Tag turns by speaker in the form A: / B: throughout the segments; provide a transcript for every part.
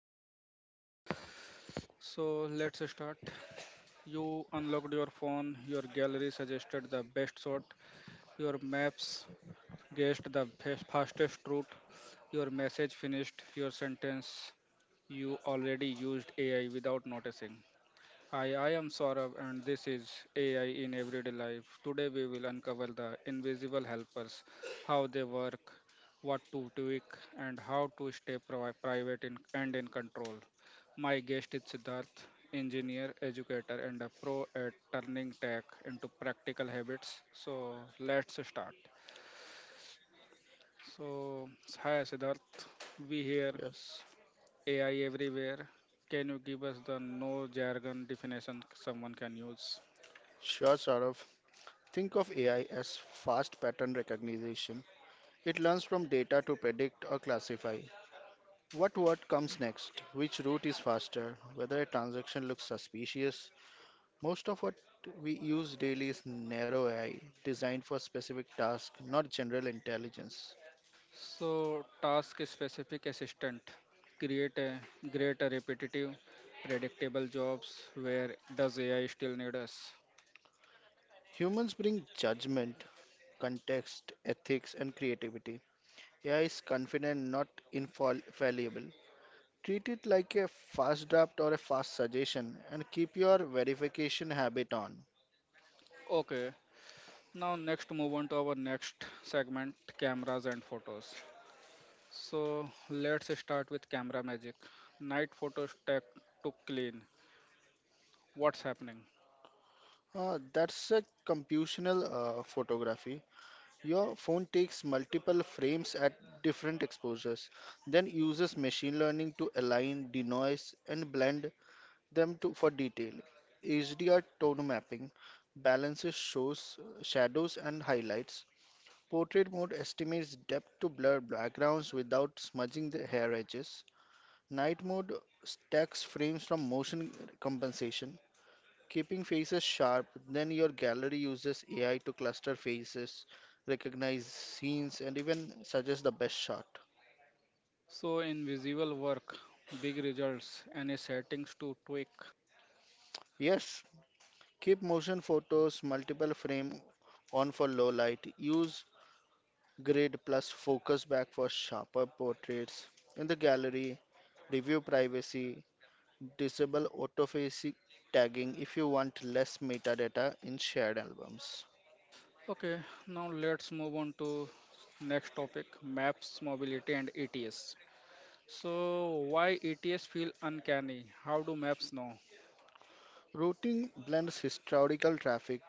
A: already use. So let's start. You unlocked your phone, your gallery suggested the best shot, your maps guessed the best, fastest route, your message finished your sentence. You already used AI without noticing. Hi, I am Saurabh, and this is AI in Everyday Life. Today, we will uncover the invisible helpers, how they work, what to tweak, and how to stay private in, and in control. My guest is Siddharth, engineer, educator, and a pro at turning tech into practical habits. So, let's start. So, hi Siddharth, we hear
B: Yes,
A: AI everywhere. Can you give us the no jargon definition someone can use?
B: sure, Saurav. Think of AI as fast pattern recognition. It learns from data to predict or classify what word comes next, which route is faster, whether a transaction looks suspicious. Most of what we use daily is narrow AI, designed for specific tasks, not general intelligence.
A: So, task specific assistant create a create a repetitive, predictable jobs where does AI still need us?
B: Humans bring judgment, context, ethics, and creativity. AI is confident, not infallible. Treat it like a fast draft or a fast suggestion and keep your verification habit on.
A: Okay, now next move on to our next segment cameras and photos. So, let's start with camera magic. Night photos tech to clean. What's happening?
B: That's a computational photography. Your phone takes multiple frames at different exposures, then uses machine learning to align, denoise, and blend them to, for detail. HDR tone mapping balances shows, shadows, and highlights. Portrait mode estimates depth to blur backgrounds without smudging the hair edges. Night mode stacks frames from motion compensation, keeping faces sharp. Then your gallery uses AI to cluster faces, recognize scenes, and even suggest the best shot.
A: So, in visual work, big results, any settings to tweak?
B: Yes, keep motion photos multiple frame on for low light. Use grid plus focus back for sharper portraits. In the gallery, review privacy, disable autophacy tagging if you want less metadata in shared albums.
A: Okay, now let's move on to next topic, maps, mobility and ETS. So why ETS feel uncanny? How do maps know?
B: Routing blends historical traffic,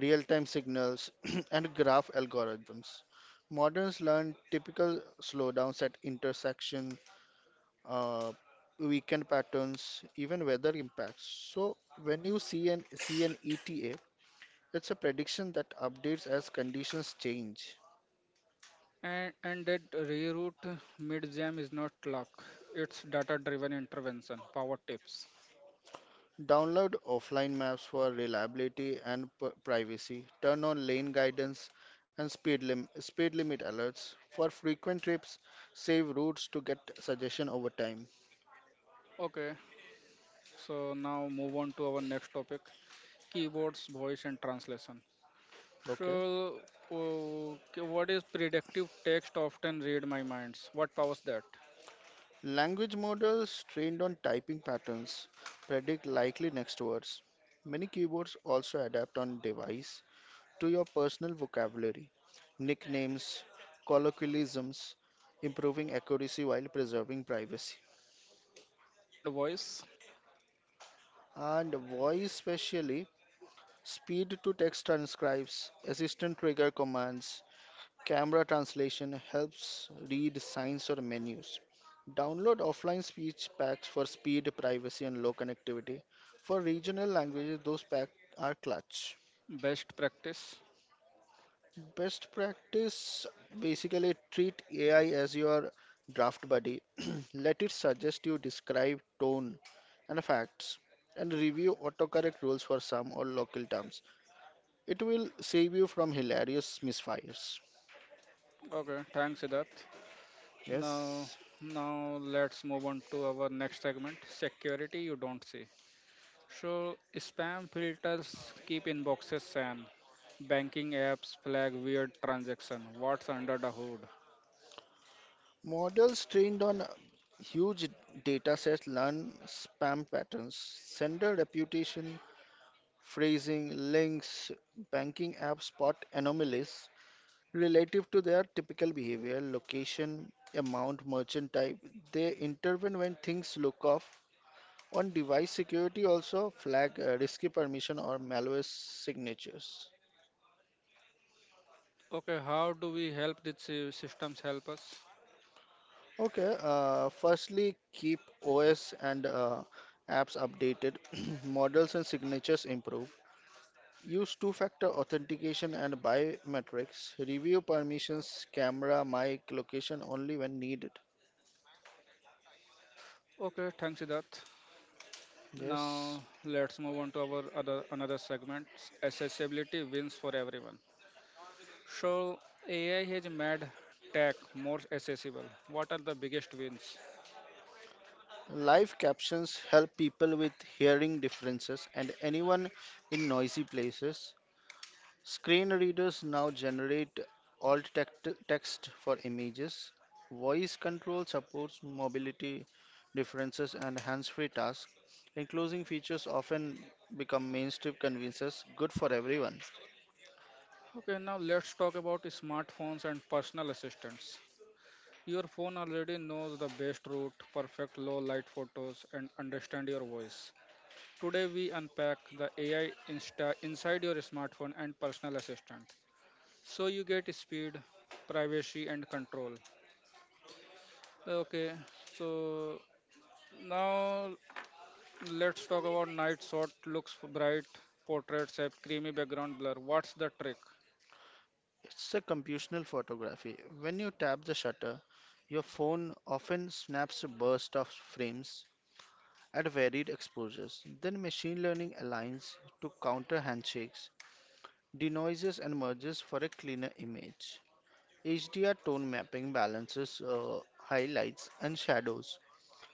B: real time signals, and graph algorithms. Moderns learn typical slowdowns at intersection, uh, weekend patterns, even weather impacts. So, when you see an ETA, it's a prediction that updates as conditions change.
A: And that reroute mid-jam is not luck. It's data-driven intervention, power tips.
B: Download offline maps for reliability and privacy. Turn on lane guidance and speed limit alerts. For frequent trips, save routes to get suggestion over time.
A: Okay, so now move on to our next topic, keyboards, voice and translation.
B: Okay.
A: So uh, okay, what is predictive text often read my minds? What powers that?
B: Language models trained on typing patterns predict likely next words. Many keyboards also adapt on device to your personal vocabulary, nicknames, colloquialisms, improving accuracy while preserving privacy.
A: And voice,
B: And voice, especially. Speed to text transcribes, assistant trigger commands, camera translation helps read signs or menus. Download offline speech packs for speed, privacy, and low connectivity. For regional languages, those packs are clutch.
A: best practice.
B: Best practice basically treat AI as your draft buddy. Let it suggest you describe tone and facts and review autocorrect rules for some or local terms. It will save you from hilarious misfires.
A: Okay, thanks Siddharth. Now,
B: Yes.
A: now let's move on to our next segment, security you don't see. So, spam filters keep inboxes sane. Banking apps flag weird transaction. What's under the hood?
B: Models trained on huge data sets learn spam patterns, sender reputation, phrasing, links, banking apps spot anomalies relative to their typical behavior, location, amount, merchant type. They intervene when things look off. On device security also flag risky permission or malware signatures.
A: Okay, how do we help these systems help us?
B: Okay, firstly, keep OS and apps updated, models and signatures improve. Use two-factor authentication and biometrics. Review permissions, camera, mic, location only when needed.
A: Okay, thanks Siddharth.
B: Yes.
A: Now let's move on to our other another segment. Accessibility wins for everyone. So AI has made tech more accessible. What are the biggest wins?
B: Live captions help people with hearing differences and anyone in noisy places. Screen readers now generate text for images. Voice control supports mobility differences and hands-free tasks. Inclusive features often become mainstream conveniences, good for everyone.
A: Okay, now let's talk about smartphones and personal assistants. Your phone already knows the best route, perfect low light photos, and understand your voice. Today, we unpack the AI inside your smartphone and personal assistant so you get speed, privacy, and control. Okay, so now let's talk about night shot, looks bright, portraits have creamy background blur. What's the trick?
B: It's a computational photography. When you tap the shutter, your phone often snaps a burst of frames at varied exposures. Then machine learning aligns to counter handshakes, denoises and merges for a cleaner image. HDR tone mapping balances highlights and shadows.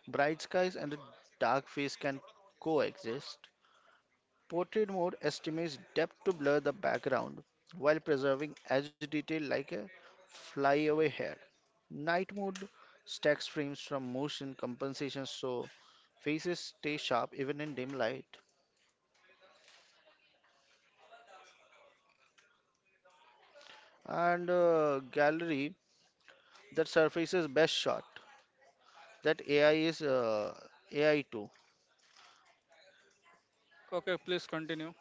B: Bright skies and a dark face can coexist. Portrait mode estimates depth to blur the background while preserving edge detail like a flyaway hair. Night mode stacks frames from motion compensation so faces stay sharp even in dim light. And gallery that surfaces best shot. That AI is AI too.
A: Okay, please continue.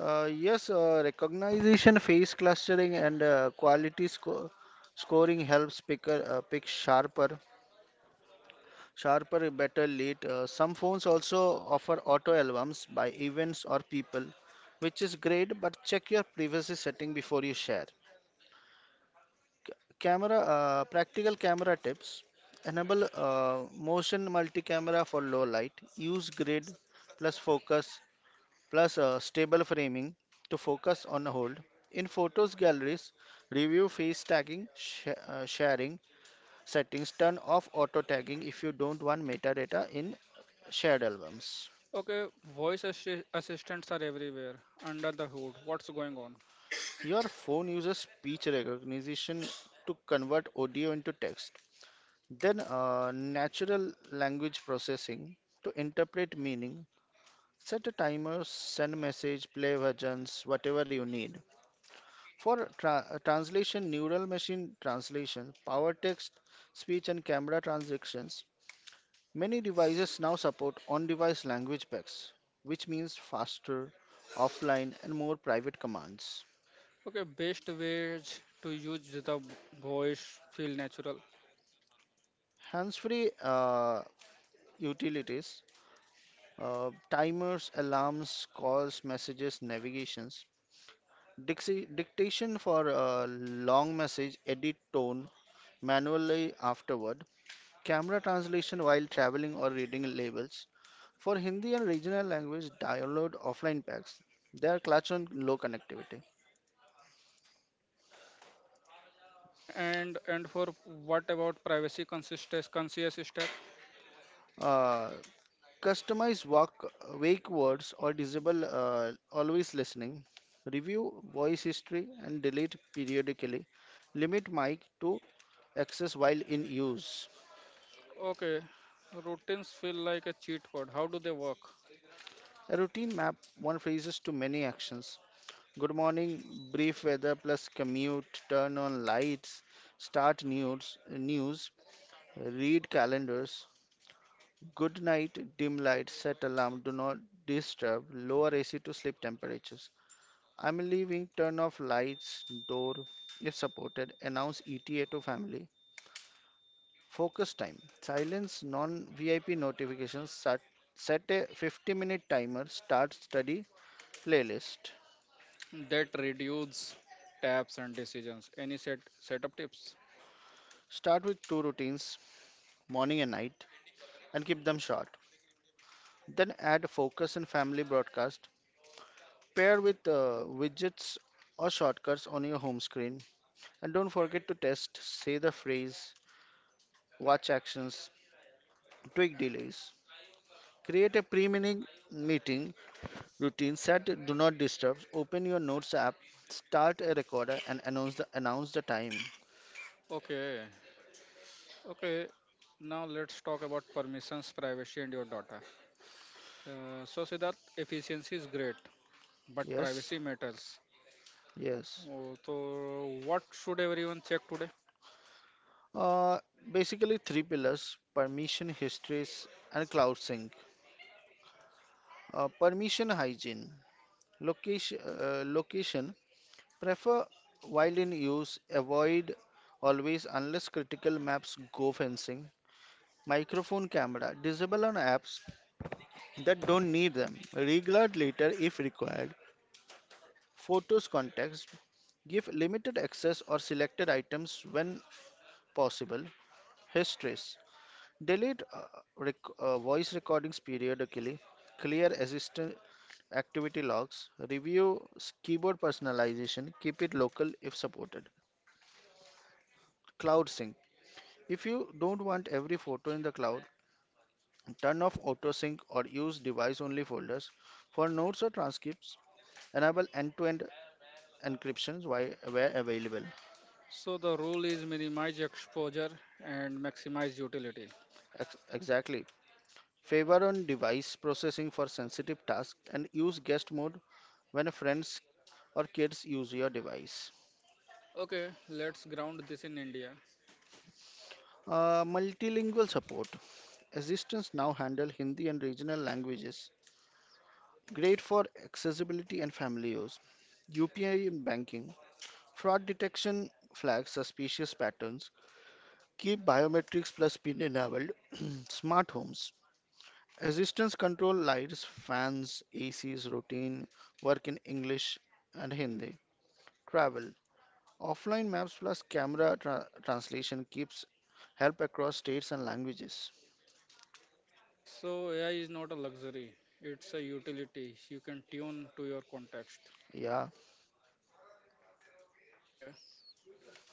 B: Yes, recognition, phase clustering, and quality scoring helps picker pick sharper, better lead. Some phones also offer auto albums by events or people, which is great. But check your privacy setting before you share. Camera, practical camera tips: enable motion multi-camera for low light. Use grid plus focus plus a stable framing to focus on a hold. In photos galleries, review face tagging, sharing settings, turn off auto tagging if you don't want metadata in shared albums.
A: Okay, voice assistants are everywhere under the hood. What's going on?
B: Your phone uses speech recognition to convert audio into text, then natural language processing to interpret meaning. Set a timer, send message, play versions, whatever you need. For translation, neural machine translation, power text, speech, and camera transactions, many devices now support on device language packs, which means faster, offline, and more private commands.
A: Okay, best ways to use the voice feel natural.
B: Hands free utilities, timers, alarms, calls, messages, navigations, dictation for long message, edit tone manually afterward, camera translation while traveling or reading labels. For Hindi and regional language, download offline packs. They are clutch on low connectivity.
A: And for what about privacy consistent conscious step?
B: Uh, Customize wake words or disable always listening. Review voice history and delete periodically. Limit mic to access while in use.
A: Okay, routines feel like a cheat code. How do they work?
B: A routine map one phrases to many actions. Good morning, brief weather plus commute, turn on lights, start news, read calendars. Good night, dim light, set alarm, do not disturb, lower AC to sleep temperatures. I'm leaving, turn off lights, door if supported, announce ETA to family. Focus time, silence non VIP notifications, set a 50-minute timer, start study playlist.
A: That reduce taps and decisions. Any setup tips?
B: Start with two routines, morning and night, and keep them short. Then add focus and family broadcast. Pair with widgets or shortcuts on your home screen. And don't forget to test, say the phrase, watch actions, tweak delays. Create a pre meeting routine set do not disturb, open your notes app, start a recorder and announce the time.
A: Okay, okay. Now let's talk about permissions, privacy, and your data. So, Siddharth, efficiency is great, but
B: Yes,
A: privacy matters.
B: yes.
A: Oh, So, what should everyone check today?
B: Uh, Basically three pillars, permission, histories and cloud sync. Permission hygiene. Location prefer while in use, avoid always unless critical maps go fencing. Microphone camera disable on apps that don't need them. Reguard later if required. Photos context give limited access or selected items when possible. Histories delete voice recordings periodically. Clear assistant activity logs. Review keyboard personalization. Keep it local if supported. Cloud sync if you don't want every photo in the cloud. Turn off autosync or use device only folders. For notes or transcripts, enable end to end encryptions where available.
A: So, the rule is minimize exposure and maximize utility.
B: Exactly. Favor on device processing for sensitive tasks and use guest mode when friends or kids use your device.
A: Okay, let's ground this in India.
B: Multilingual support. Assistants now handle Hindi and regional languages. Great for accessibility and family use. UPI in banking. Fraud detection flags suspicious patterns. Keep biometrics plus PIN enabled. Smart homes. Assistance control lights, fans, ACs, routine, work in English and Hindi. Travel. Offline maps plus camera translation keeps help across states and languages.
A: So, AI is not a luxury, it's a utility. You can tune to your context.
B: Yeah,
A: Okay,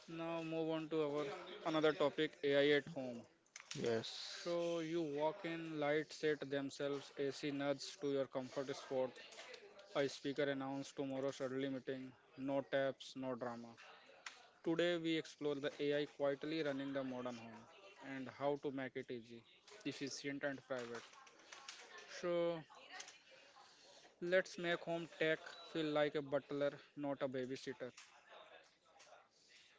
A: now move on to our another topic AI at home.
B: yes,
A: So, you walk in, light set themselves, AC nods to your comfort spot. A speaker announced tomorrow's early meeting. No taps, no drama. Today, we explore the AI quietly running the modern home and how to make it easy, efficient, and private. So, let's make home tech feel like a butler, not a babysitter.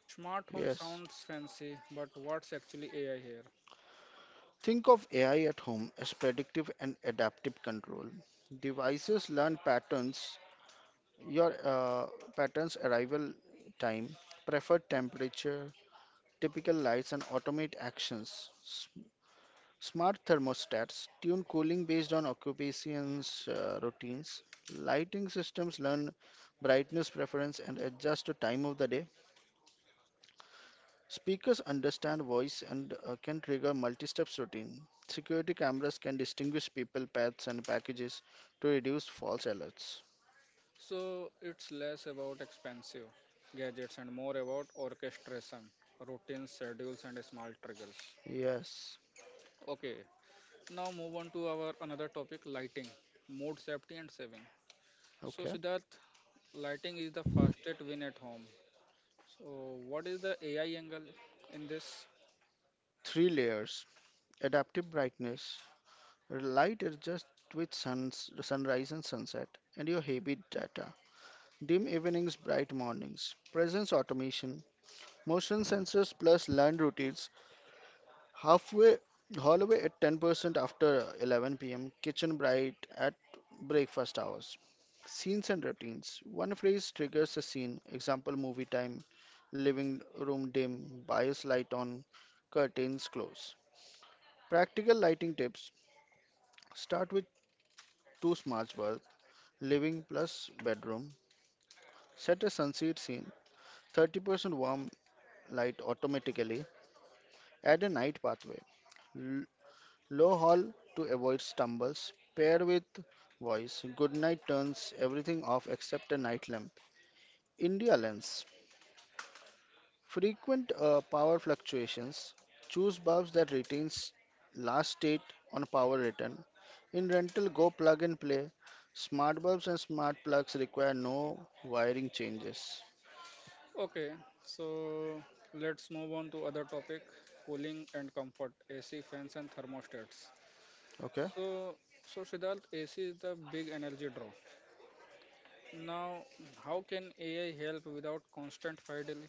A: Smart home
B: yes.
A: sounds fancy, but what's actually AI here?
B: Think of AI at home as predictive and adaptive control. Devices learn patterns, your patterns arrival time, preferred temperature, typical lights and automate actions. Smart thermostats tune cooling based on occupations routines. Lighting systems learn brightness preference and adjust to time of the day. Speakers understand voice and can trigger multi-steps routine. Security cameras can distinguish people, pets, and packages to reduce false alerts.
A: So, it's less about expensive gadgets and more about orchestration, routines, schedules, and small triggers.
B: Yes.
A: Okay, now move on to our another topic lighting, mood, safety, and saving. So,
B: Okay.
A: Siddharth, lighting is the fastest win at home. So, what is the AI angle in this?
B: Three layers. Adaptive brightness. Light adjusts with sunrise and sunset, and your habit data. Dim evenings, bright mornings. Presence automation. Motion sensors plus learned routines. Halfway, hallway at 10% after 11 pm. Kitchen bright at breakfast hours. Scenes and routines. One phrase triggers a scene. Example, movie time, living room dim, bias light on, curtains close. Practical lighting tips. Start with two smart bulbs. Living plus bedroom. Set a sunset scene, 30% warm light automatically. Add a night pathway. L- Low hall to avoid stumbles. Pair with voice. Good night turns everything off except a night lamp. India lens. Frequent power fluctuations. Choose bulbs that retains last state on power return. In rental, go plug and play. Smart bulbs and smart plugs require no wiring changes.
A: Okay, so let's move on to other topic cooling and comfort AC fans and thermostats.
B: Okay.
A: So, so, Siddharth, AC is the big energy draw. Now, how can AI help without constant fidelity?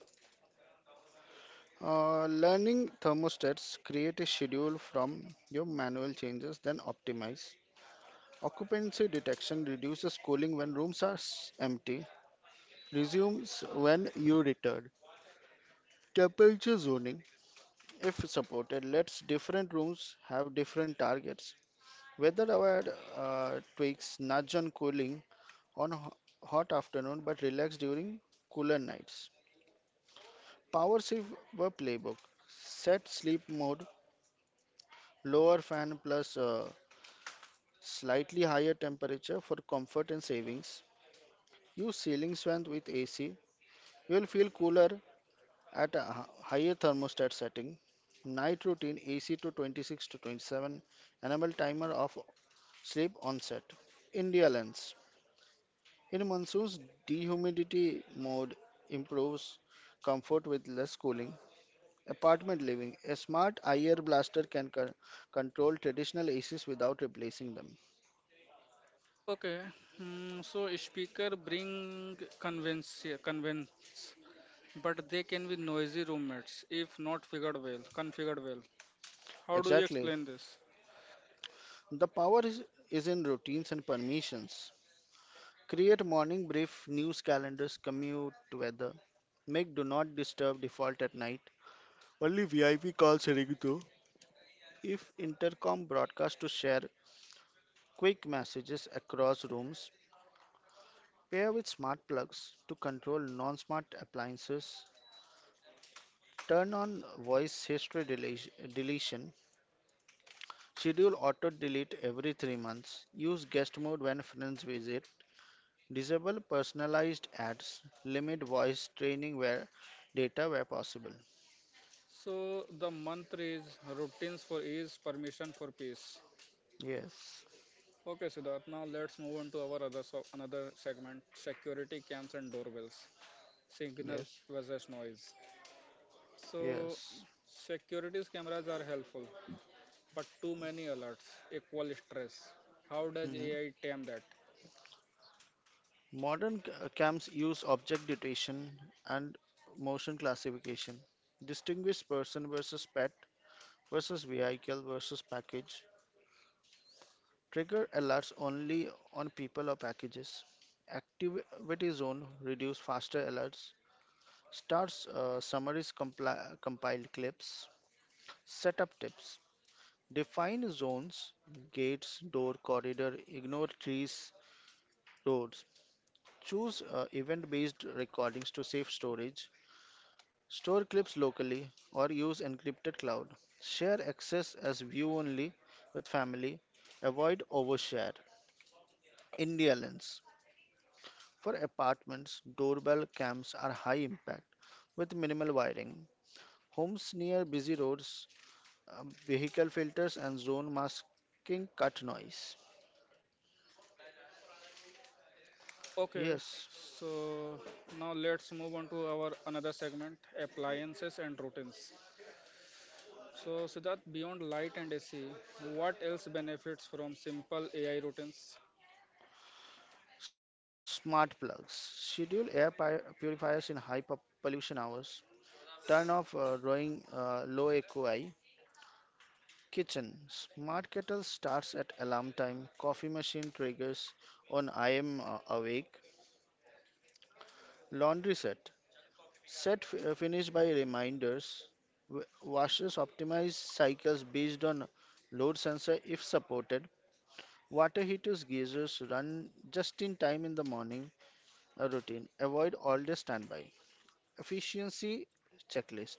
B: Learning thermostats create a schedule from your manual changes, then optimize. Occupancy detection reduces cooling when rooms are empty, resumes when you return. Temperature zoning, if supported, lets different rooms have different targets. Weather aware tweaks nudge on cooling on hot afternoon but relax during cooler nights. Power saver playbook set sleep mode, lower fan plus slightly higher temperature for comfort and savings. Use ceiling fan with AC. You will feel cooler at a higher thermostat setting. Night routine AC to 26 to 27. Enable timer of sleep onset. India lens. In monsoons, dehumidity mode improves comfort with less cooling. Apartment living. A smart IR blaster can control traditional ACs without replacing them.
A: Okay, mm, so speaker bring convince, but they can be noisy roommates if not figured well, configured well. How do you
B: Exactly.
A: explain this?
B: The power is, is in routines and permissions. Create morning brief, news calendars, commute, weather. Make do not disturb default at night. Only VIP calls ring though. If intercom broadcast to share quick messages across rooms, pair with smart plugs to control non-smart appliances. Turn on voice history deletion. Schedule auto delete every 3 months. Use guest mode when friends visit. Disable personalized ads, limit voice training where data where possible.
A: So the mantra is routines for ease, permission for peace.
B: Yes,
A: Okay, Siddharth. Now let's move on to our other so another segment: security cams and doorbells, signal
B: yes,
A: versus noise. So
B: yes.
A: security cameras are helpful, but too many alerts equal stress. How does
B: Mhm.
A: AI tame that?
B: Modern cams use object detection and motion classification. Distinguish person versus pet versus vehicle versus package. Trigger alerts only on people or packages. Activity zone reduce faster alerts. Starts summaries compiled clips. Setup tips. Define zones, gates, door, corridor, ignore trees, roads. Choose event based recordings to save storage. Store clips locally or use encrypted cloud. Share access as view only with family. Avoid overshare. India lens. For apartments, doorbell cams are high impact with minimal wiring. Homes near busy roads, vehicle filters and zone masking cut noise.
A: Okay,
B: Yes.
A: so now let's move on to our another segment: appliances and routines. So, Siddharth, beyond light and AC, what else benefits from simple AI routines?
B: Smart plugs. Schedule purifiers in high pollution hours. Turn off drawing low AQI. Kitchen. Smart kettle starts at alarm time. Coffee machine triggers on I am awake. Laundry set. Set finish by reminders. Washers optimize cycles based on load sensor if supported. Water heaters, geysers run just in time in the morning routine. Avoid all day standby. Efficiency checklist.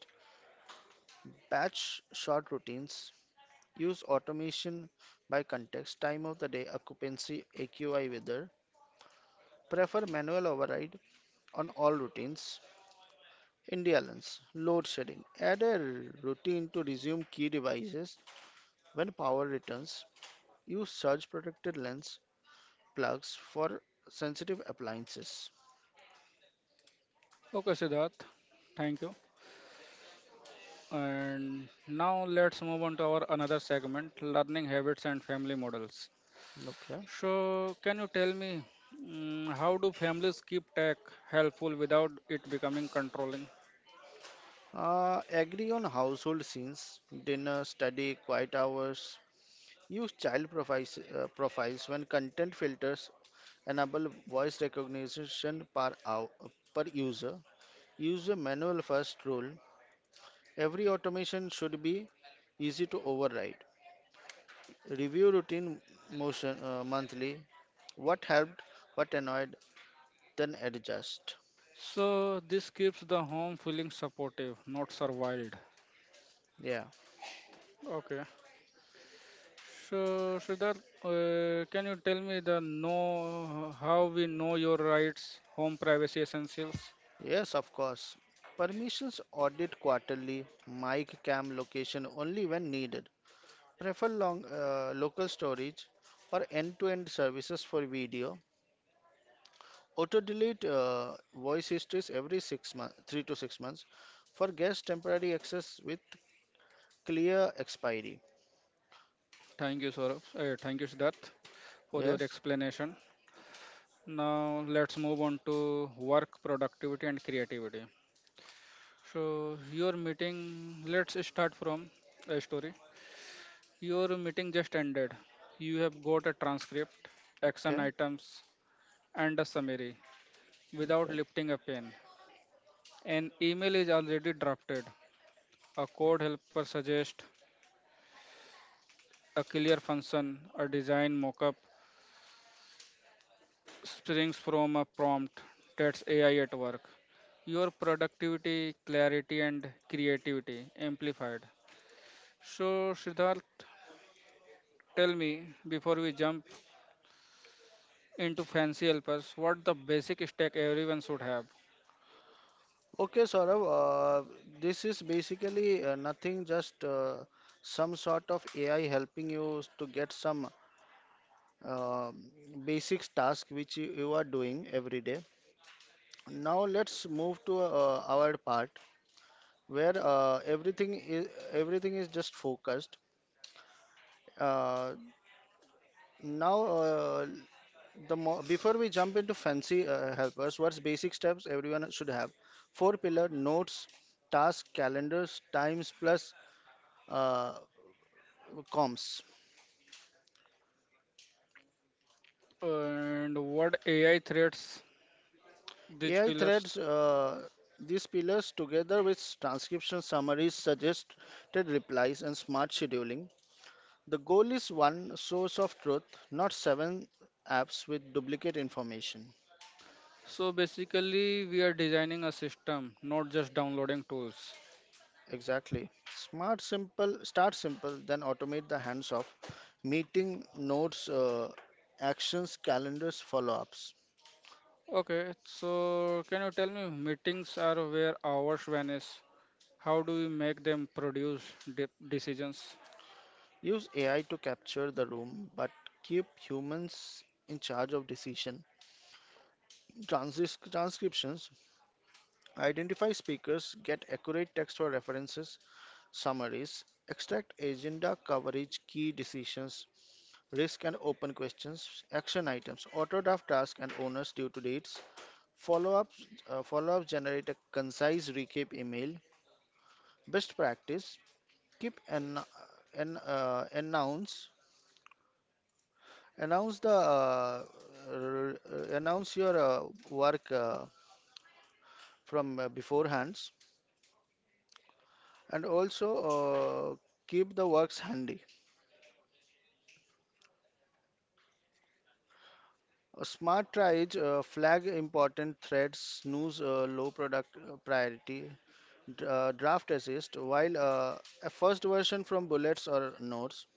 B: Batch short routines. Use automation by context, time of the day, occupancy, AQI weather. Prefer manual override on all routines. India load shedding. Add a routine to resume key devices when power returns. Use surge protected lens plugs for sensitive appliances.
A: Okay, Siddharth, thank you. And now let's move on to our another segment, learning habits and family models.
B: Okay.
A: So, can you tell me how do families keep tech helpful without it becoming controlling?
B: Agree on household scenes, dinner, study, quiet hours. Use child profiles, profiles when content filters enable voice recognition per, hour, per user. Use a manual first rule. Every automation should be easy to override. Review routine motion monthly. What helped, what annoyed, then adjust.
A: So, this keeps the home feeling supportive, not surveilled.
B: Yeah,
A: Okay. So, Siddharth, can you tell me the know how we know your rights, home privacy essentials?
B: yes, of course. Permissions audit quarterly. Mic cam location only when needed. Prefer long local storage or end-to-end services for video. Auto delete voice histories every 6 months, 3 to 6 months, for guest temporary access with clear expiry.
A: Thank you, Saurabh. Thank you, Siddharth, for your
B: Yes.
A: explanation. Now let's move on to work productivity and creativity. So your meeting, let's start from a story. Your meeting just ended. You have got a transcript, action
B: Okay.
A: items, and a summary without
B: Okay.
A: lifting a pen. An email is already drafted. A code helper suggests a clear function, a design mockup springs from a prompt. That's AI at work. Your productivity, clarity, and creativity amplified. So, Siddharth, tell me before we jump into fancy helpers, what the basic stack everyone should have,
B: Okay, Saurav. This is basically nothing, just some sort of AI helping you to get some uh, basic task which you are doing every day. Now let's move to our part where everything is just focused. Uh, Now, the mo Before we jump into fancy helpers, what's basic steps everyone should have? Four pillar notes, tasks, calendars, times plus uh, comms.
A: and what AI threats these
B: AI
A: pillars.
B: threads these pillars together with transcription summaries, suggested replies, and smart scheduling. The goal is one source of truth, not seven apps with duplicate information.
A: So basically, we are designing a system, not just downloading tools.
B: Exactly. Start simple, then automate the hands off. Meeting notes, actions, calendars, follow ups.
A: Okay, so can you tell me meetings are where hours vanish? How do we make them produce decisions?
B: Use AI to capture the room, but keep humans in charge of decision. Transcriptions, identify speakers, get accurate text or references, summaries, extract agenda coverage, key decisions, risk and open questions, action items, auto draft task and owners due to dates. Follow-ups, follow-ups generate a concise recap email. Best practice: keep an announce announce the r- announce your work from beforehands, and also keep the works handy. A smart tries flag important threads, snooze low product priority, draft assist, while a first version from bullets or notes.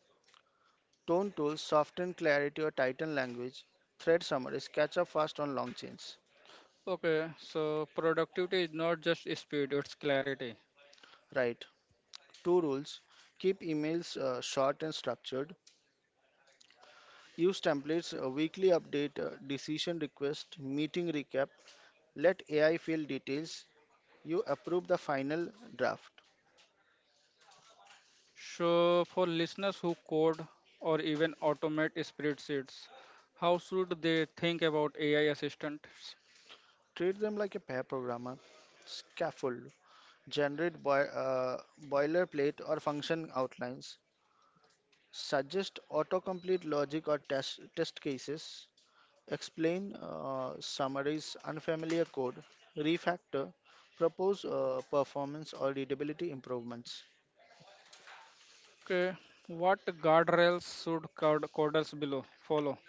B: Tone tools soften clarity or tighten language. Thread summaries catch up fast on long chains.
A: Okay, so productivity is not just speed, it's clarity.
B: Right. Two rules. Keep emails short and structured. Use templates, weekly update, decision request, meeting recap. Let AI fill details. You approve the final draft.
A: So for listeners who code or even automate spreadsheets, how should they think about AI assistants?
B: Treat them like a pair programmer. Scaffold. Generate boilerplate or function outlines. Suggest autocomplete logic or test cases. Explain, summarize unfamiliar code, refactor, propose performance or readability improvements.
A: Okay, what guardrails should coders below follow?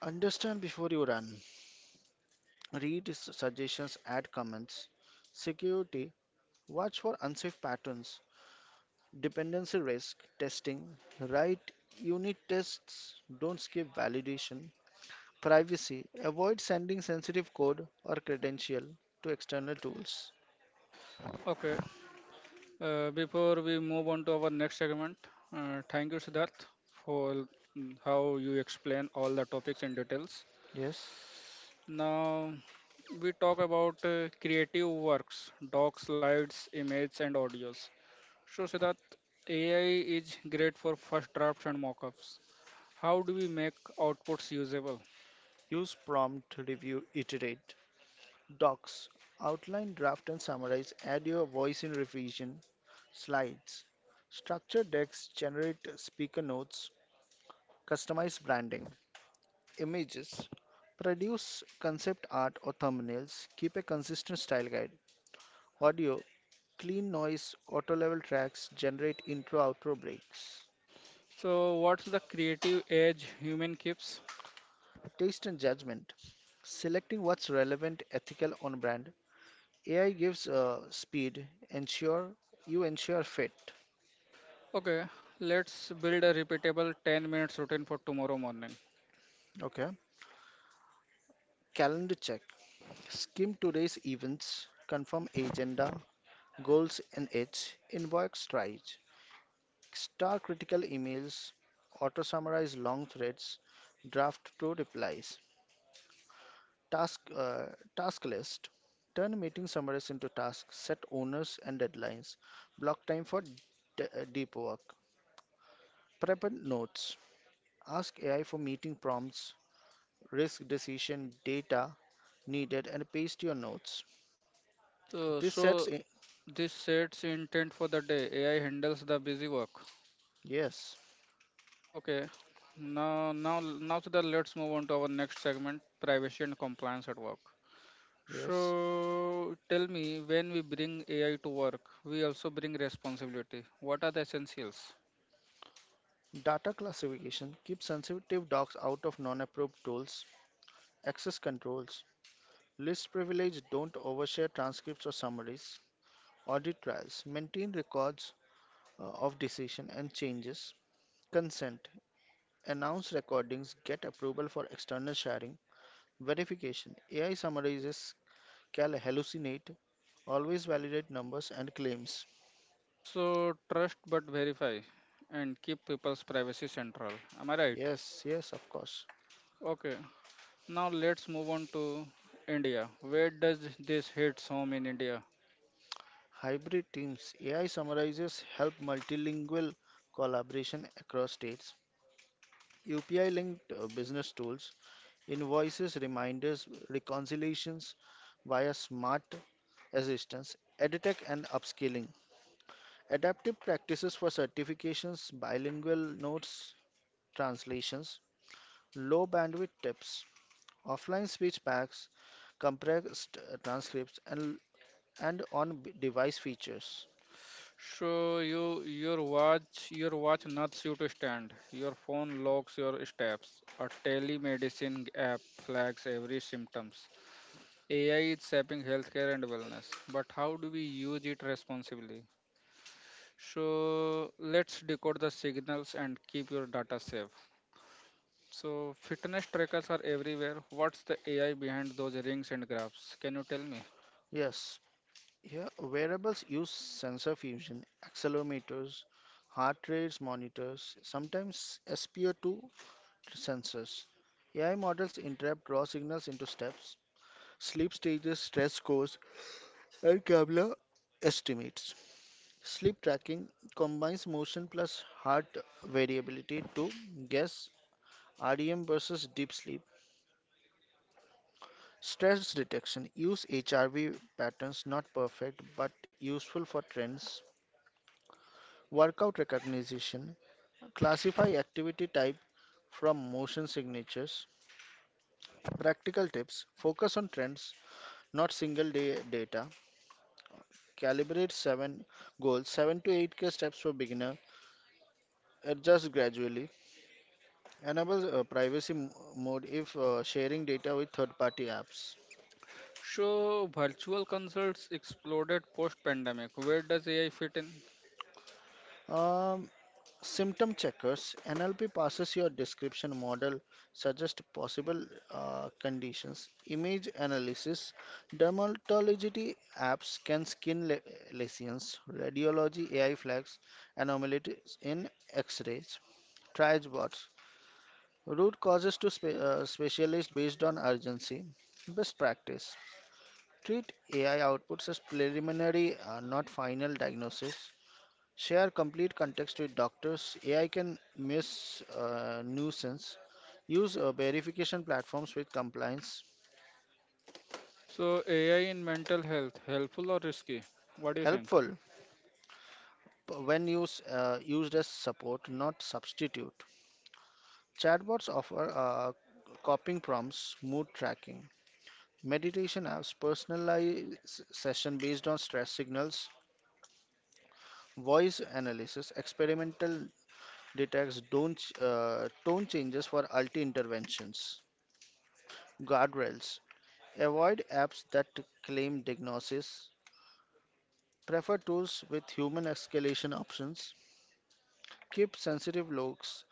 B: Understand before you run. Read suggestions, add comments. Security, watch for unsafe patterns. Dependency risk, testing. Write unit tests, don't skip validation. Privacy, avoid sending sensitive code or credential to external tools.
A: Okay, before we move on to our next segment, thank you, Siddharth, for how you explain all the topics in details.
B: Yes.
A: Now, we talk about creative works, docs, slides, images, and audios. So, Siddharth, AI is great for first drafts and mockups. How do we make outputs usable?
B: Use prompt, review, iterate. Docs outline, draft, and summarize. Add your voice in revision. Slides. Structure decks, generate speaker notes, customize branding. Images. Produce concept art or thumbnails. Keep a consistent style guide. Audio. Clean noise, auto level tracks, generate intro outro breaks.
A: So, what's the creative edge human keeps?
B: Taste and judgment. Selecting what's relevant, ethical, on brand. AI gives speed. Ensure You ensure fit.
A: Okay, let's build a repeatable 10-minute minutes routine for tomorrow morning.
B: Okay. Calendar check. Skim today's events, confirm agenda, goals and its, inbox tries. Star critical emails, auto summarize long threads, draft two replies. Task uh, Task list. Turn meeting summaries into tasks, set owners and deadlines. Block time for deep work. Prep and notes. Ask AI for meeting prompts, risk decision data needed and paste your notes.
A: So,
B: This sets
A: so
B: in-
A: This sets intent for the day. AI handles the busy work.
B: yes.
A: Okay. Now, now, now, so that let's move on to our next segment: privacy and compliance at work.
B: Yes,
A: So, tell me, when we bring AI to work, we also bring responsibility. What are the essentials?
B: data classification keeps sensitive docs out of non-approved tools, access controls, list privilege don't overshare transcripts or summaries, audit trails maintain records of decision and changes, consent announce recordings, get approval for external sharing, verification AI summarizes can hallucinate, always validate numbers and claims.
A: So, trust but verify, and keep people's privacy central. Am I right?
B: Yes, yes, of course.
A: Okay. Now let's move on to India. Where does this hits home in India?
B: Hybrid teams, AI summarizes help multilingual collaboration across states. UPI linked business tools, invoices, reminders, reconciliations via smart assistance, edtech and upskilling. Adaptive practices for certifications, bilingual notes, translations, low bandwidth tips, offline speech packs, compressed transcripts and on device features.
A: So your watch nuts you to stand. Your phone logs your steps. A telemedicine app flags every symptoms. AI is shaping healthcare and wellness, but how do we use it responsibly? So let's decode the signals and keep your data safe. So fitness trackers are everywhere. What's the AI behind those rings and graphs? Can you tell me?
B: Yes. Yeah, wearables use sensor fusion, accelerometers, heart rates monitors, sometimes SpO2 sensors. AI models interpret raw signals into steps, sleep stages, stress scores, and Kavla estimates. Sleep tracking combines motion plus heart variability to guess REM versus deep sleep. Stress detection use HRV patterns not perfect but useful for trends. Workout recognition. Classify activity type from motion signatures. Practical tips. Focus on trends, not single day data. Calibrate 7 goals, 7 to 8K steps for beginner. Adjust gradually. Enable privacy mode if sharing data with third party apps.
A: So virtual consults exploded post-pandemic. Where does AI fit in?
B: Um, Symptom checkers NLP passes your description model, suggests possible conditions, image analysis. Dermatology apps can lesions, radiology AI flags, anomalies in x rays, triage bots, root causes to specialists based on urgency. Best practice treat AI outputs as preliminary, not final diagnosis. Share complete context with doctors. AI can miss nuisance. Use verification platforms with compliance.
A: So AI in mental health, helpful or risky? What do you think?
B: Helpful when used as support, not substitute. Chatbots offer copying prompts, mood tracking. Meditation apps personalize session based on stress signals. Voice analysis, experimental detects don't, tone changes for multi interventions. Guardrails. Avoid apps that claim diagnosis. Prefer tools with human escalation options. Keep sensitive logs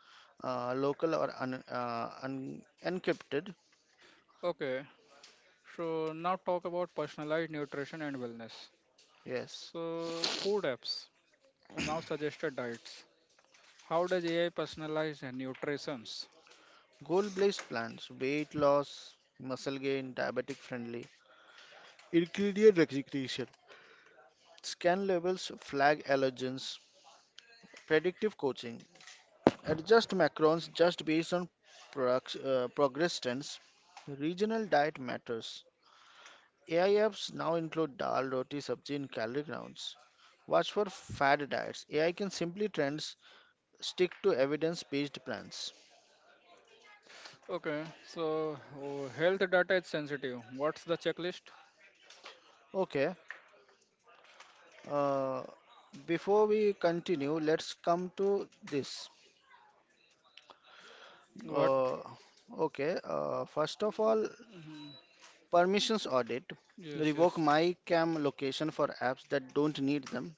B: local or encrypted.
A: Okay, so now talk about personalized nutrition and wellness.
B: Yes.
A: So food apps now suggested diets. How does AI personalize nutritions?
B: Goal-based plans. Weight loss, muscle gain, diabetic friendly. Ingredient recognition. Scan levels, flag allergens, predictive coaching. Adjust macrons just based on progress trends. Regional diet matters. AI apps now include dal, roti, sabji in calorie counts. Watch for fad diets. AI can simply trends stick to evidence-based plans.
A: Okay, so oh, health data is sensitive. What's the checklist?
B: Okay. Uh, Before we continue, let's come to this.
A: What?
B: Uh, okay. First of all, permissions audit.
A: Yes,
B: Revoke
A: yes.
B: my cam location for apps that don't need them.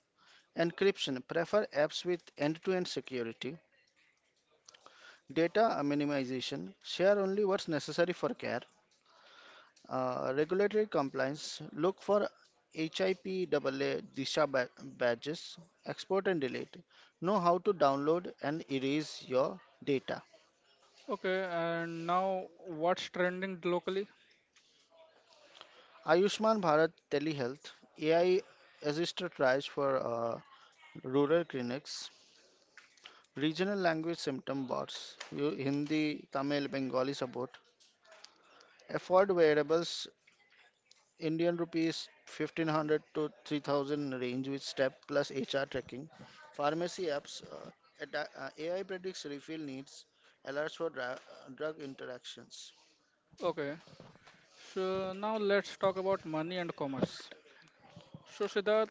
B: Encryption. Prefer apps with end-to-end security. Data minimization. Share only what's necessary for care. Regulatory compliance look for HIPAA DISA badges, export and delete. Know how to download and erase your data.
A: Okay, and now what's trending locally?
B: Ayushman Bharat telehealth, AI assisted triage for rural clinics, regional language symptom bots, Hindi, Tamil, Bengali support, afford wearables Indian rupees 1500 to 3000 range with step plus HR tracking. Pharmacy apps, AI predicts refill needs, alerts for drug interactions.
A: Okay, so now let's talk about money and commerce. So, Siddharth,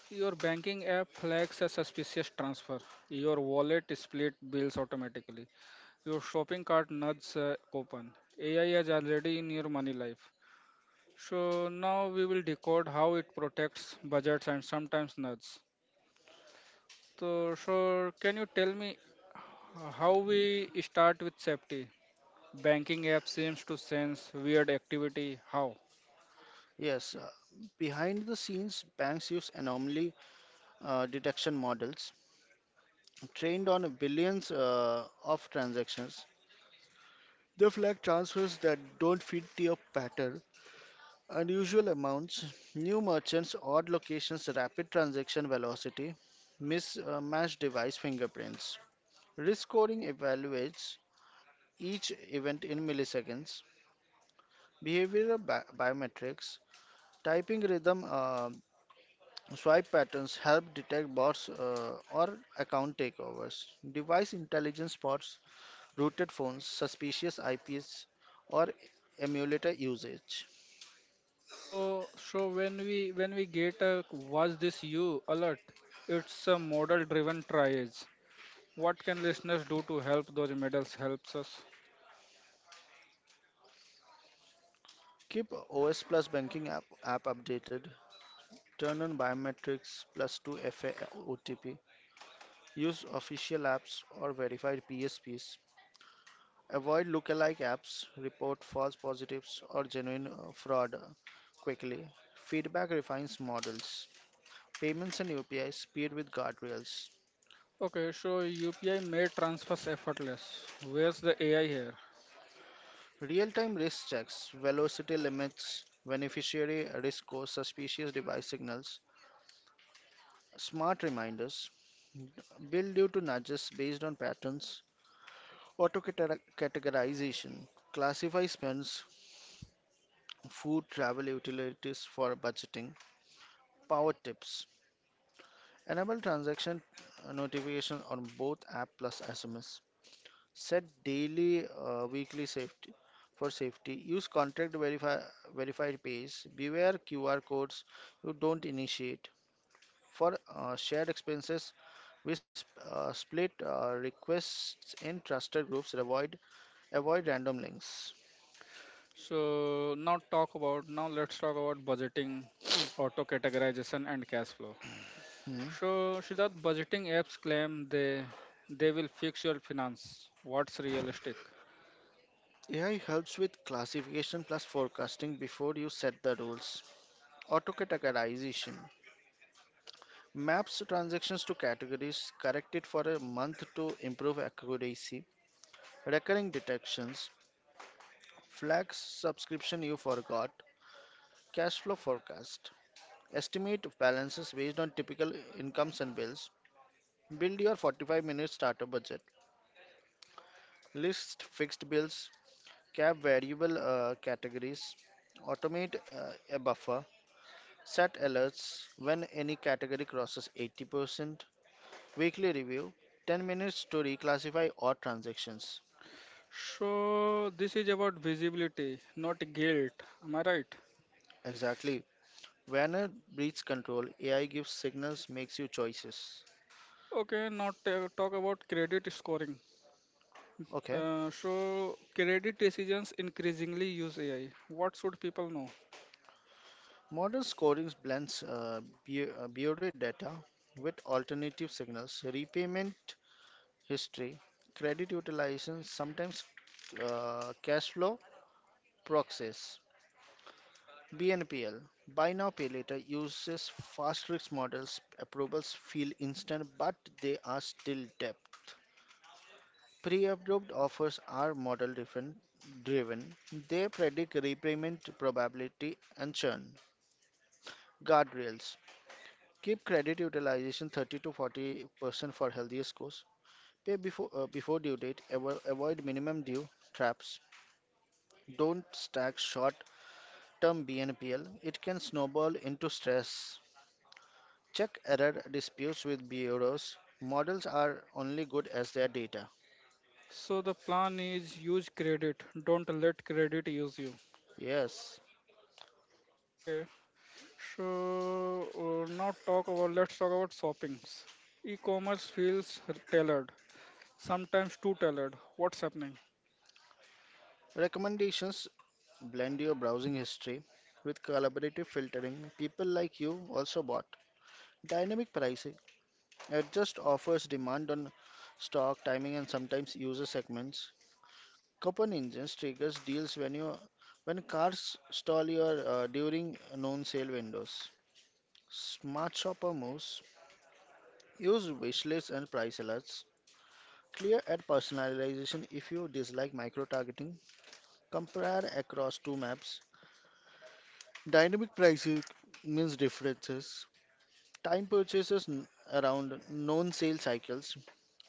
A: your banking app flags a suspicious transfer. Your wallet split bills automatically. Your shopping cart nudges open a coupon. AI is already in your money life. So, now we will decode how it protects budgets and sometimes nuts. So, can you tell me how we start with safety? Banking app seems to sense weird activity. How?
B: Yes, behind the scenes, banks use anomaly detection models trained on billions of transactions. They flag transfers that don't fit your pattern. Unusual amounts, new merchants, odd locations, rapid transaction velocity, mismatched device fingerprints. Risk scoring evaluates each event in milliseconds. Behavioral biometrics, typing rhythm, swipe patterns help detect bots or account takeovers. Device intelligence spots rooted phones, suspicious IPs, or emulator usage.
A: So, when we get a was this you alert, it's a model driven triage. What can listeners do to help those models helps us?
B: Keep OS Plus banking app updated. Turn on biometrics plus 2FA. Use official apps or verified PSPs. Avoid lookalike apps. Report false positives or genuine fraud quickly. Feedback refines models. Payments and UPI speed with guardrails.
A: Okay, so UPI made transfers effortless. Where's the AI here?
B: Real time risk checks, velocity limits, beneficiary risk scores, suspicious device signals, smart reminders, bill due to nudges based on patterns, auto categorization, classify spends, food travel utilities for budgeting, power tips, enable transaction notification on both app plus SMS, set daily, weekly safety for safety, use verified page, beware QR codes you don't initiate. For shared expenses, split requests in trusted groups. Avoid random links.
A: So now let's talk about budgeting, auto categorization and cash flow.
B: Hmm.
A: So Siddharth, budgeting apps claim they will fix your finance. What's realistic?
B: AI helps with classification plus forecasting before you set the rules. Autocategorization maps transactions to categories, corrected for a month to improve accuracy, recurring detections, flags subscription you forgot, cash flow forecast, estimate balances based on typical incomes and bills, build your 45-minute starter budget, list fixed bills, cap variable categories, automate a buffer, set alerts when any category crosses 80%. Weekly review 10 minutes to reclassify odd transactions.
A: So this is about visibility, not guilt. Am I right?
B: Exactly. Werner breeds control, AI gives signals, makes you choices.
A: Okay, now talk about credit scoring.
B: Okay.
A: So credit decisions increasingly use AI. What should people know?
B: Modern scoring blends bureau data with alternative signals, repayment history, credit utilization, sometimes cash flow proxies. BNPL, buy now pay later, uses fast risk models. Approvals feel instant, but they are still depth. Pre-approved offers are model different driven. They predict repayment probability and churn. Guardrails. Keep credit utilization 30 to 40% for healthier scores. Pay before due date. Avoid minimum due traps. Don't stack short-term BNPL. It can snowball into stress. Check error disputes with bureaus. Models are only good as their data.
A: So the plan is use credit. Don't let credit use you.
B: Yes.
A: Okay. So now talk about let's talk about shoppings. E-commerce feels tailored, sometimes too tailored. What's happening?
B: Recommendations. Blend your browsing history with collaborative filtering. People like you also bought. Dynamic pricing adjust offers demand on stock, timing, and sometimes user segments. Coupon engines triggers deals when cars stall your during known sale windows. Smart shopper moves. Use wishlists and price alerts. Clear ad personalization if you dislike micro targeting. Compare across two maps. Dynamic pricing means differences. Time purchases around known sale cycles.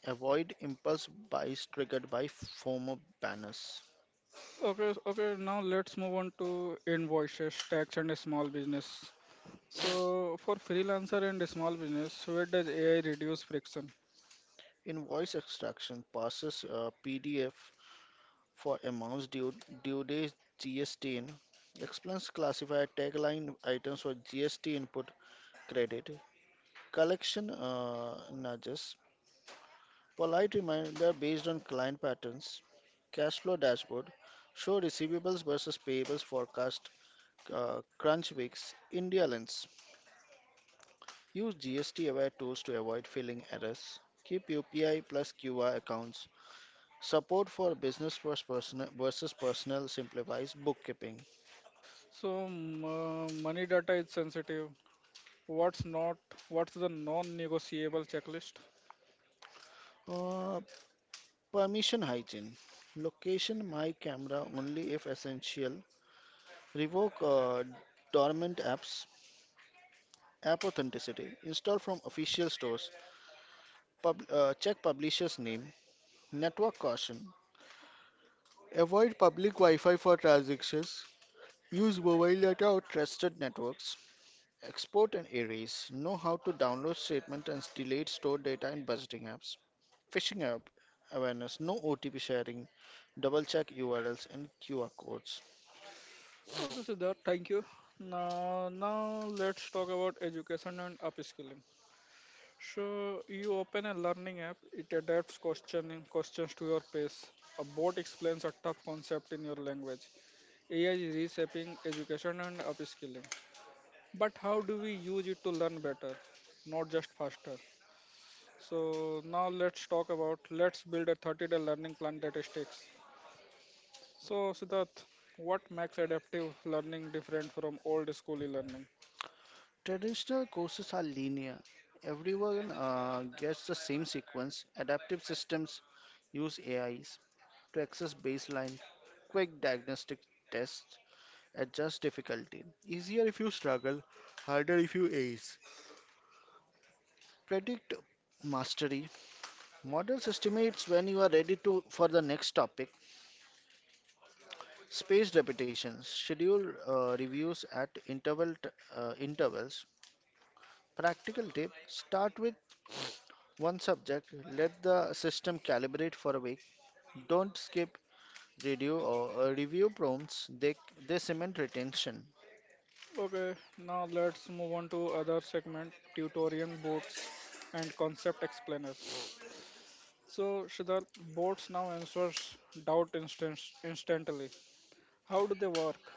B: Avoid impulse buys triggered by former banners.
A: Okay, now let's move on to invoices, tax, and small business. So, for freelancer and small business, where does AI reduce friction?
B: Invoice extraction passes PDF for amounts due, due date GST in. Explains classify tagline items for GST input credit. Collection nudges. Polite reminder based on client patterns. Cash flow dashboard. Show receivables versus payables forecast. Crunch weeks. India lens. Use GST aware tools to avoid filling errors. Keep UPI plus QR accounts. Support for business versus personal simplifies bookkeeping.
A: So, money data is sensitive. What's not? What's the non-negotiable checklist?
B: Uh, Permission hygiene. Location my camera only if essential. Revoke dormant apps. App authenticity. Install from official stores. Check publisher's name. Network caution. Avoid public Wi Fi for transactions. Use mobile data or trusted networks. Export and Aries know how to download statement and delete stored data in budgeting apps. Phishing app awareness, no OTP sharing, double check URLs and QR codes.
A: Okay, Siddharth, thank you. Now let's talk about education and upskilling. So you open a learning app, it adapts questioning questions to your pace. A bot explains a tough concept in your language. AI is reshaping education and upskilling. But how do we use it to learn better, not just faster? So now let's talk about let's build a 30-day learning plan that sticks. So Siddharth, what makes adaptive learning different from old school learning?
B: Traditional courses are linear. Everyone gets the same sequence. Adaptive systems use AIs to access baseline, quick diagnostic tests, adjust difficulty. Easier if you struggle, harder if you ace. Predict mastery. Models estimates when you are ready to for the next topic. Spaced repetitions, schedule reviews at intervals. Practical tip: start with one subject. Let the system calibrate for a week. Don't skip review prompts. They cement retention.
A: Okay, now let's move on to other segment, tutorial boards and concept explainers. So, Siddharth, boards now answers instantly. How do they work?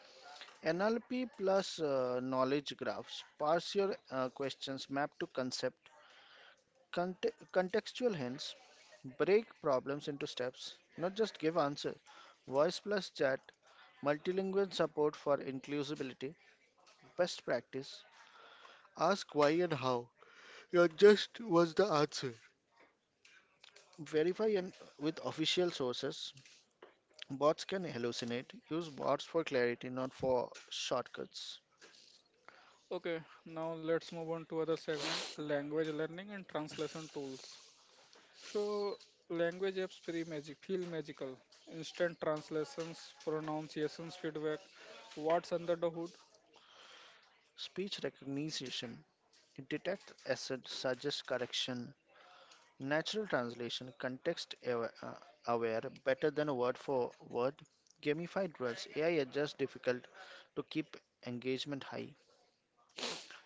B: NLP plus knowledge graphs. Parse your questions. Map to concept. Contextual hints break problems into steps, not just give answers. Voice plus chat, multilingual support for inclusivity, best practice. Ask why and how. Your just was the answer. Verify and with official sources. Bots can hallucinate. Use bots for clarity, not for shortcuts.
A: Okay, now let's move on to other segment, language learning and translation tools. So language apps feel magical. Instant translations, pronunciations, feedback. What's under the hood?
B: Speech recognition. Detect assent, suggest correction. Natural translation, context aware, better than word for word. Gamified rules, AI adjusts difficult to keep engagement high.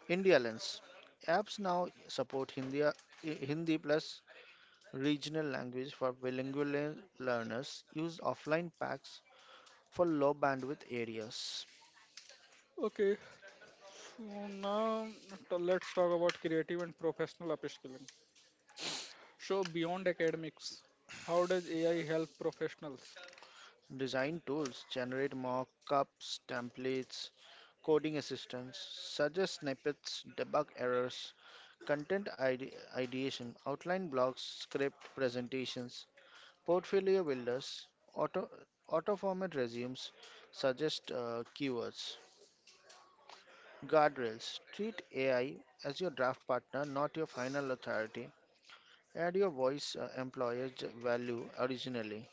B: India lens, apps now support Hindi plus regional language for bilingual learners. Use offline packs for low bandwidth areas.
A: Okay, so now let's talk about creative and professional upskilling. So beyond academics, how does AI help professionals?
B: Design tools generate mockups, templates, coding assistance, suggest snippets, debug errors, content ideation, outline blocks, script presentations, portfolio builders, auto auto format resumes, suggest keywords. Guardrails. Treat AI as your draft partner, not your final authority. Add your voice employer value originally.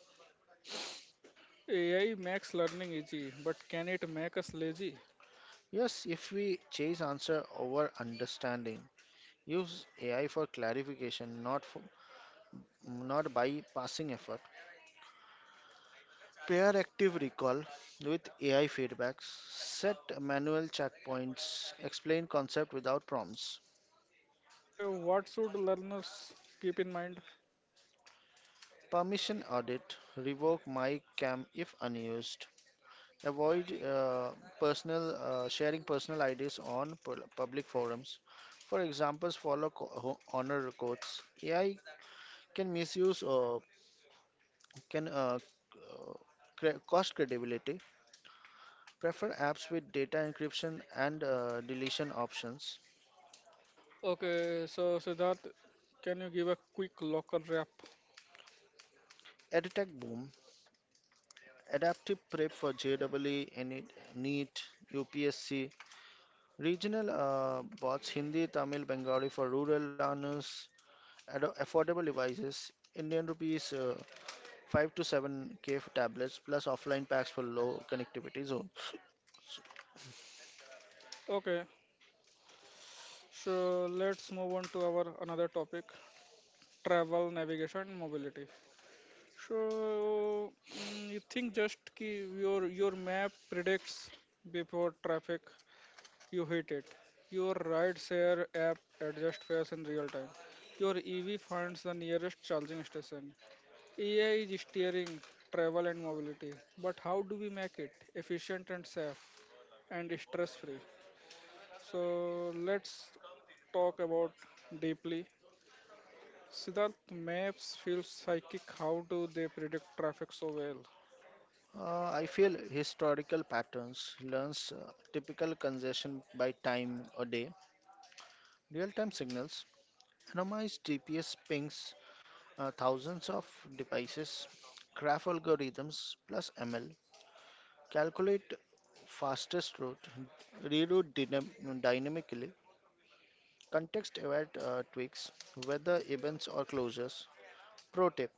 A: AI makes learning easy, but can it make us lazy?
B: Yes, if we chase answer over understanding, use AI for clarification, not bypassing effort. Pair active recall with AI feedbacks. Set manual checkpoints. Explain concept without prompts.
A: Okay, what should learners keep in mind?
B: Permission audit. Revoke my cam if unused. Avoid personal sharing personal IDs on public forums. For examples, follow honor codes. AI can misuse or can cost credibility. Prefer apps with data encryption and deletion options.
A: Okay, so Siddharth, can you give a quick local wrap?
B: EdTech boom, adaptive prep for JEE, NEET, UPSC, regional bots Hindi, Tamil, Bengali for rural learners, affordable devices, Indian rupees 5 to 7K for tablets plus offline packs for low connectivity zones.
A: Okay, so let's move on to our another topic, travel, navigation, mobility. So you think just ki your map predicts before traffic you hit it. Your ride share app adjusts fares in real time. Your EV finds the nearest charging station. AI is steering travel and mobility, but how do we make it efficient and safe and stress free? So let's talk about deeply. Siddharth, maps feel psychic. How do they predict traffic so well?
B: I feel historical patterns learns typical congestion by time or day, real-time signals. Randomized DPS pings thousands of devices, graph algorithms plus ML, calculate fastest route, reroute dynamically, context aware tweaks, weather events or closures. Pro tip: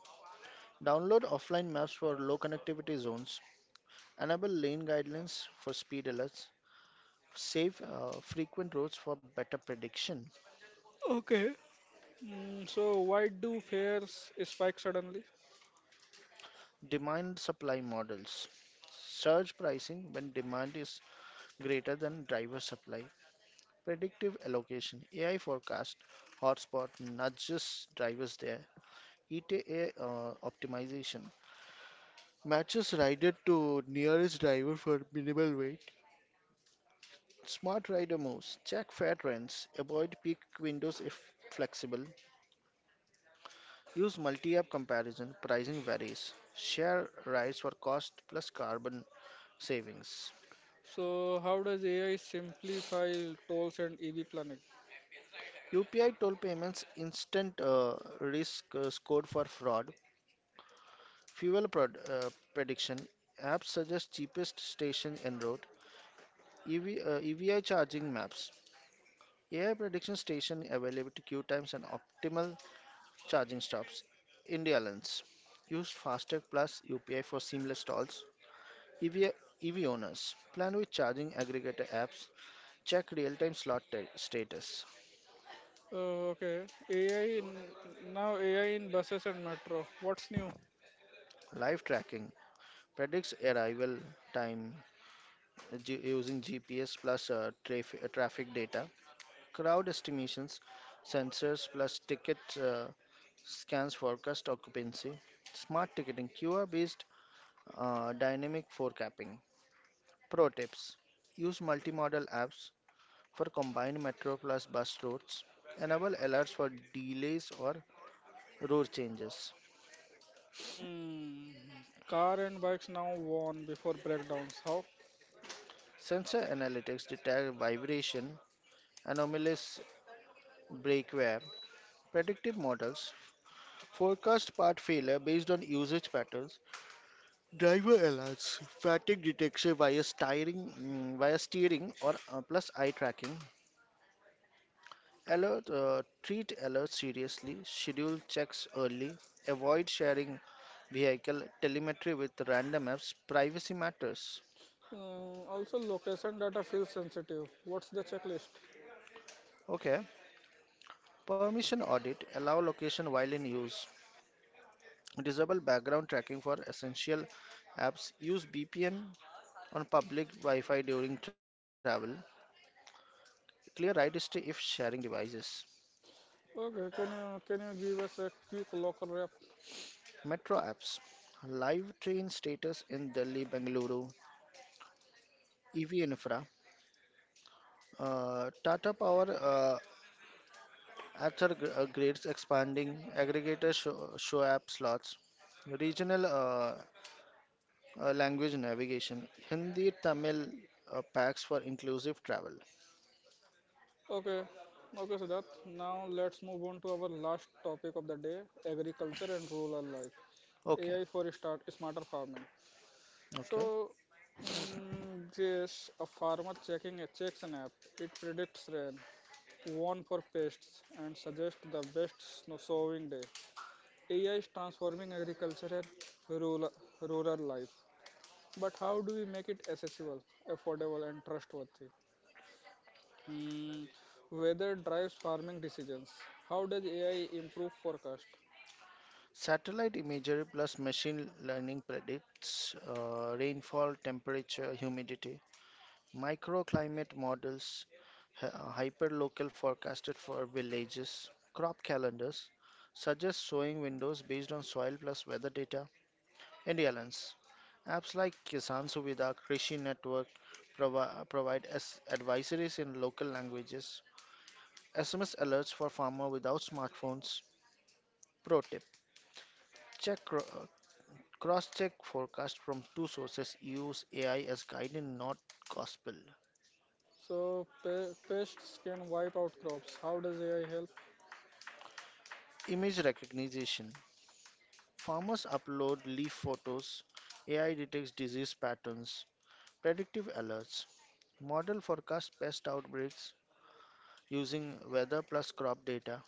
B: download offline maps for low connectivity zones, enable lane guidelines for speed alerts, save frequent roads for better prediction.
A: Okay. So why do fares spike suddenly?
B: Demand supply models surge pricing when demand is greater than driver supply. Predictive allocation AI forecast hotspot nudges drivers there. ETA optimization matches rider to nearest driver for minimal wait. Smart rider moves check fare trends, avoid peak windows if flexible. Use multi-app comparison. Pricing varies. Share rides for cost plus carbon savings.
A: So how does AI simplify tolls and EV planning?
B: UPI toll payments instant risk scored for fraud. Fuel prediction apps suggest cheapest station en route. EV, EVI charging maps. AI prediction station availability queue times and optimal charging stops. India Lens. Use Fastech Plus UPI for seamless stalls. EV, owners. Plan with charging aggregator apps. Check real-time slot status.
A: Okay, AI in, now AI in buses and metro. What's new?
B: Live tracking. Predicts arrival time using GPS plus traffic data. Crowd estimations, sensors plus ticket uh, scans forecast occupancy, smart ticketing, QR based dynamic forecapping. Pro tips: use multimodal apps for combined metro plus bus routes, enable alerts for delays or route changes.
A: Hmm. Car and bikes now worn before breakdowns. How?
B: Sensor analytics detect vibration, anomalous brake wear, predictive models, forecast part failure based on usage patterns. Driver alerts, fatigue detection via steering or plus eye tracking. Treat alerts seriously. Schedule checks early. Avoid sharing vehicle telemetry with random apps. Privacy matters.
A: Also, location data feels sensitive. What's the checklist?
B: Okay. Permission audit. Allow location while in use. Disable background tracking for essential apps. Use VPN on public Wi-Fi during travel. Clear ride history if sharing devices.
A: Okay, can you give us a quick local wrap?
B: Metro apps, live train status in Delhi, Bengaluru. EV infra, Tata Power apps grids expanding, aggregators show app slots, regional language navigation, Hindi, Tamil packs for inclusive travel.
A: Okay, okay, Siddharth. Now let's move on to our last topic of the day: agriculture and rural life.
B: Okay,
A: AI for start smarter farming.
B: okay.
A: So, yes, a farmer checking a checks an app. It predicts rain, warn for pests, and suggests the best snow sowing day. AI is transforming agriculture and rural, rural life. But how do we make it accessible, affordable, and trustworthy? Hmm, weather drives farming decisions. How does AI improve forecast?
B: Satellite imagery plus machine learning predicts rainfall, temperature, humidity. Microclimate models, hy- hyperlocal forecasted for villages, crop calendars, suggest sowing windows based on soil plus weather data and airlines. Apps like Kisan Suvidha, Krishi Network provide as advisories in local languages, SMS alerts for farmer without smartphones. Pro tip: check cross-check forecast from two sources. Use AI as guide and not gospel.
A: So pests can wipe out crops. How does AI help?
B: Image recognition. Farmers upload leaf photos, AI detects disease patterns, predictive alerts, model forecast pest outbreaks using weather plus crop data,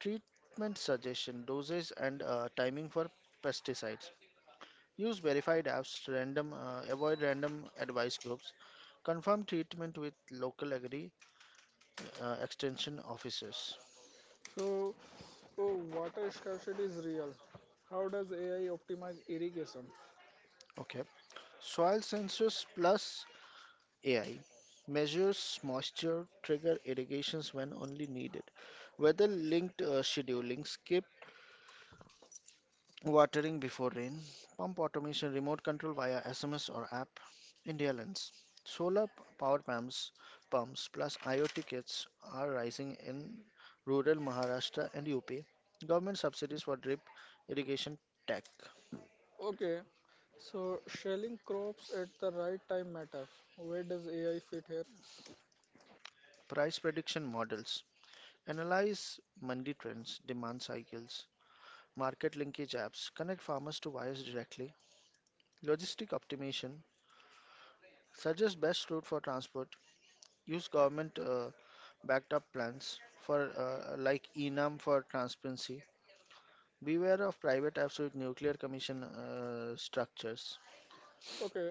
B: treatment suggestion, dosage and timing for pesticides. Use verified apps, random avoid random advice groups, confirm treatment with local agri extension officers.
A: So oh, water scarcity is real. How does AI optimize irrigation?
B: Okay. Soil sensors plus AI measures moisture, trigger irrigations when only needed, weather linked scheduling, skip watering before rain, pump automation, remote control via SMS or app. India lens. Solar power pumps plus IoT kits are rising in rural Maharashtra and UP. Government subsidies for drip irrigation tech,
A: Okay, so shelling crops at the right time matter. Where does AI fit here?
B: price prediction models, analyze mandi trends, demand cycles, market linkage apps connect farmers to buyers directly, logistic optimization suggest best route for transport, use government backed up plans for like enam for transparency. Beware of private apps with nuclear commission structures.
A: Okay.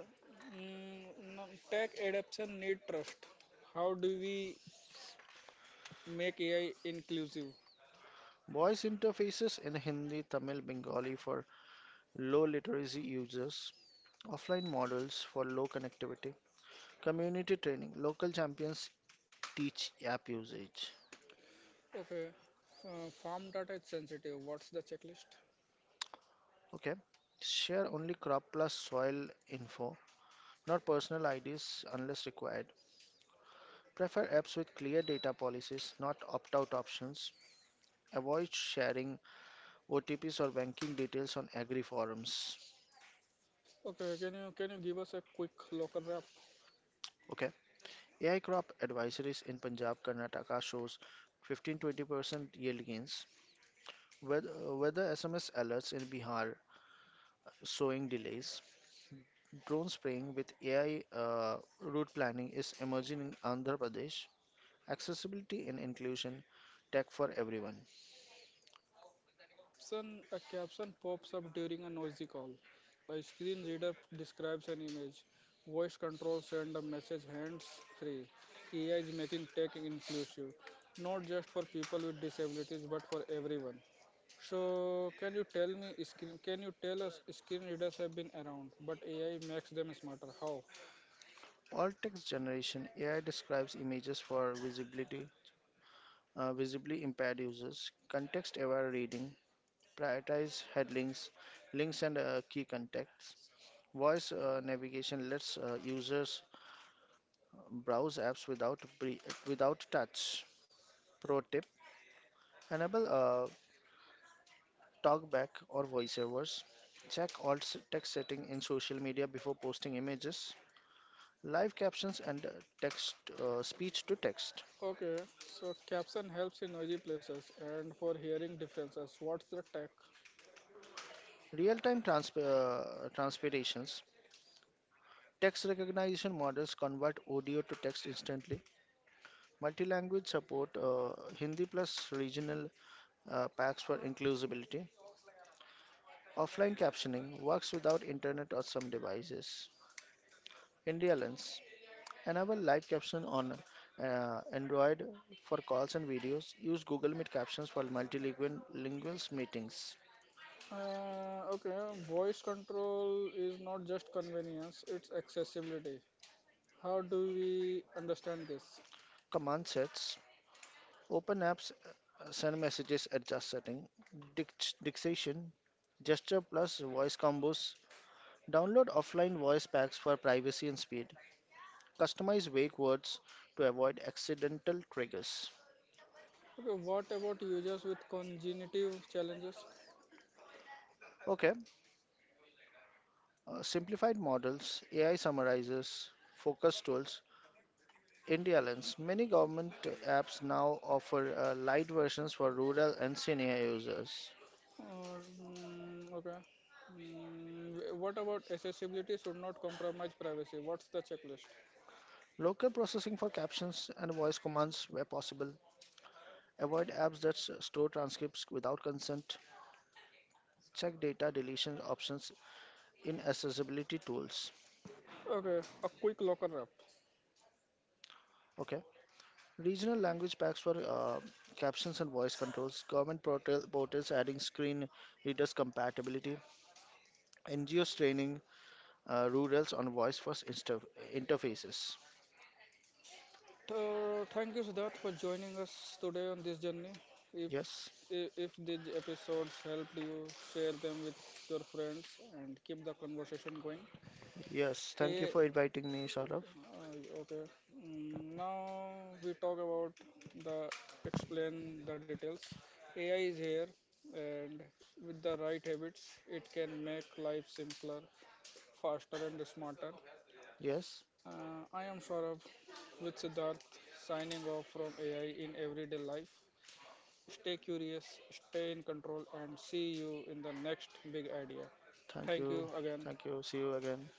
A: Tech adoption need trust. How do we make AI inclusive?
B: Voice interfaces in Hindi, Tamil, Bengali for low literacy users. Offline models for low connectivity. Community training. Local champions teach app usage.
A: Okay. Farm data is sensitive. What's the checklist?
B: Okay. Share only crop plus soil info, not personal IDs unless required. Prefer apps with clear data policies, not opt out options. Avoid sharing OTPs or banking details on agri forums.
A: Okay. Can you give us a quick local wrap?
B: Okay. AI crop advisories in Punjab, Karnataka shows 15-20% yield gains. Weather SMS alerts in Bihar, sowing delays. Drone spraying with AI route planning is emerging in Andhra Pradesh. Accessibility and inclusion, tech for everyone.
A: Caption a caption pops up during a noisy call. A screen reader describes an image. Voice control send a message hands free. AI is making tech inclusive, not just for people with disabilities but for everyone. So can you tell us screen readers have been around, but AI makes them smarter. How?
B: All text generation, AI describes images for visibility, visibly impaired users, context-aware reading, prioritize headlinks, links and key contexts. Voice navigation lets users browse apps without without touch. Pro tip: enable talkback or voiceovers. Check alt text setting in social media before posting images. Live captions and text speech to text.
A: Okay, so caption helps in noisy places and for hearing differences. What's the tech?
B: Real-time transpirations. Text recognition models convert audio to text instantly. Multi-language support Hindi plus regional packs for inclusivity. Offline captioning works without internet or some devices. India lens. Enable live caption on Android for calls and videos. Use Google Meet captions for multilingual meetings.
A: Okay, voice control is not just convenience, it's accessibility. How do we understand this?
B: Command sets. Open apps send messages, adjust setting, dictation, gesture plus voice combos. Download offline voice packs for privacy and speed. Customize wake words to avoid accidental triggers.
A: Okay, what about users with congenitive challenges?
B: Okay, simplified models, AI summarizers, focus tools. India Lens. Many government apps now offer light versions for rural and senior users.
A: Or, okay. What about accessibility should not compromise privacy? What's the checklist?
B: Local processing for captions and voice commands where possible. Avoid apps that store transcripts without consent. Check data deletion options in accessibility tools.
A: Okay, a quick local wrap.
B: Okay. Regional language packs for captions and voice controls. Portals adding screen readers compatibility. NGOs training rurals on voice first interfaces.
A: Thank you, Siddharth, for joining us today on this journey. If
B: Yes.
A: if these episodes helped you, share them with your friends and keep the conversation going.
B: Yes. Thank you
A: A
B: for inviting me, Saurav.
A: Uh, okay. Now we talk about the explain the details. AI is here, and with the right habits, it can make life simpler, faster, and smarter.
B: Yes.
A: I am Saurabh with Siddharth signing off from AI in everyday life. Stay curious, stay in control, and see you in the next big idea.
B: Thank
A: Thank
B: you.
A: you again.
B: Thank you. See you again.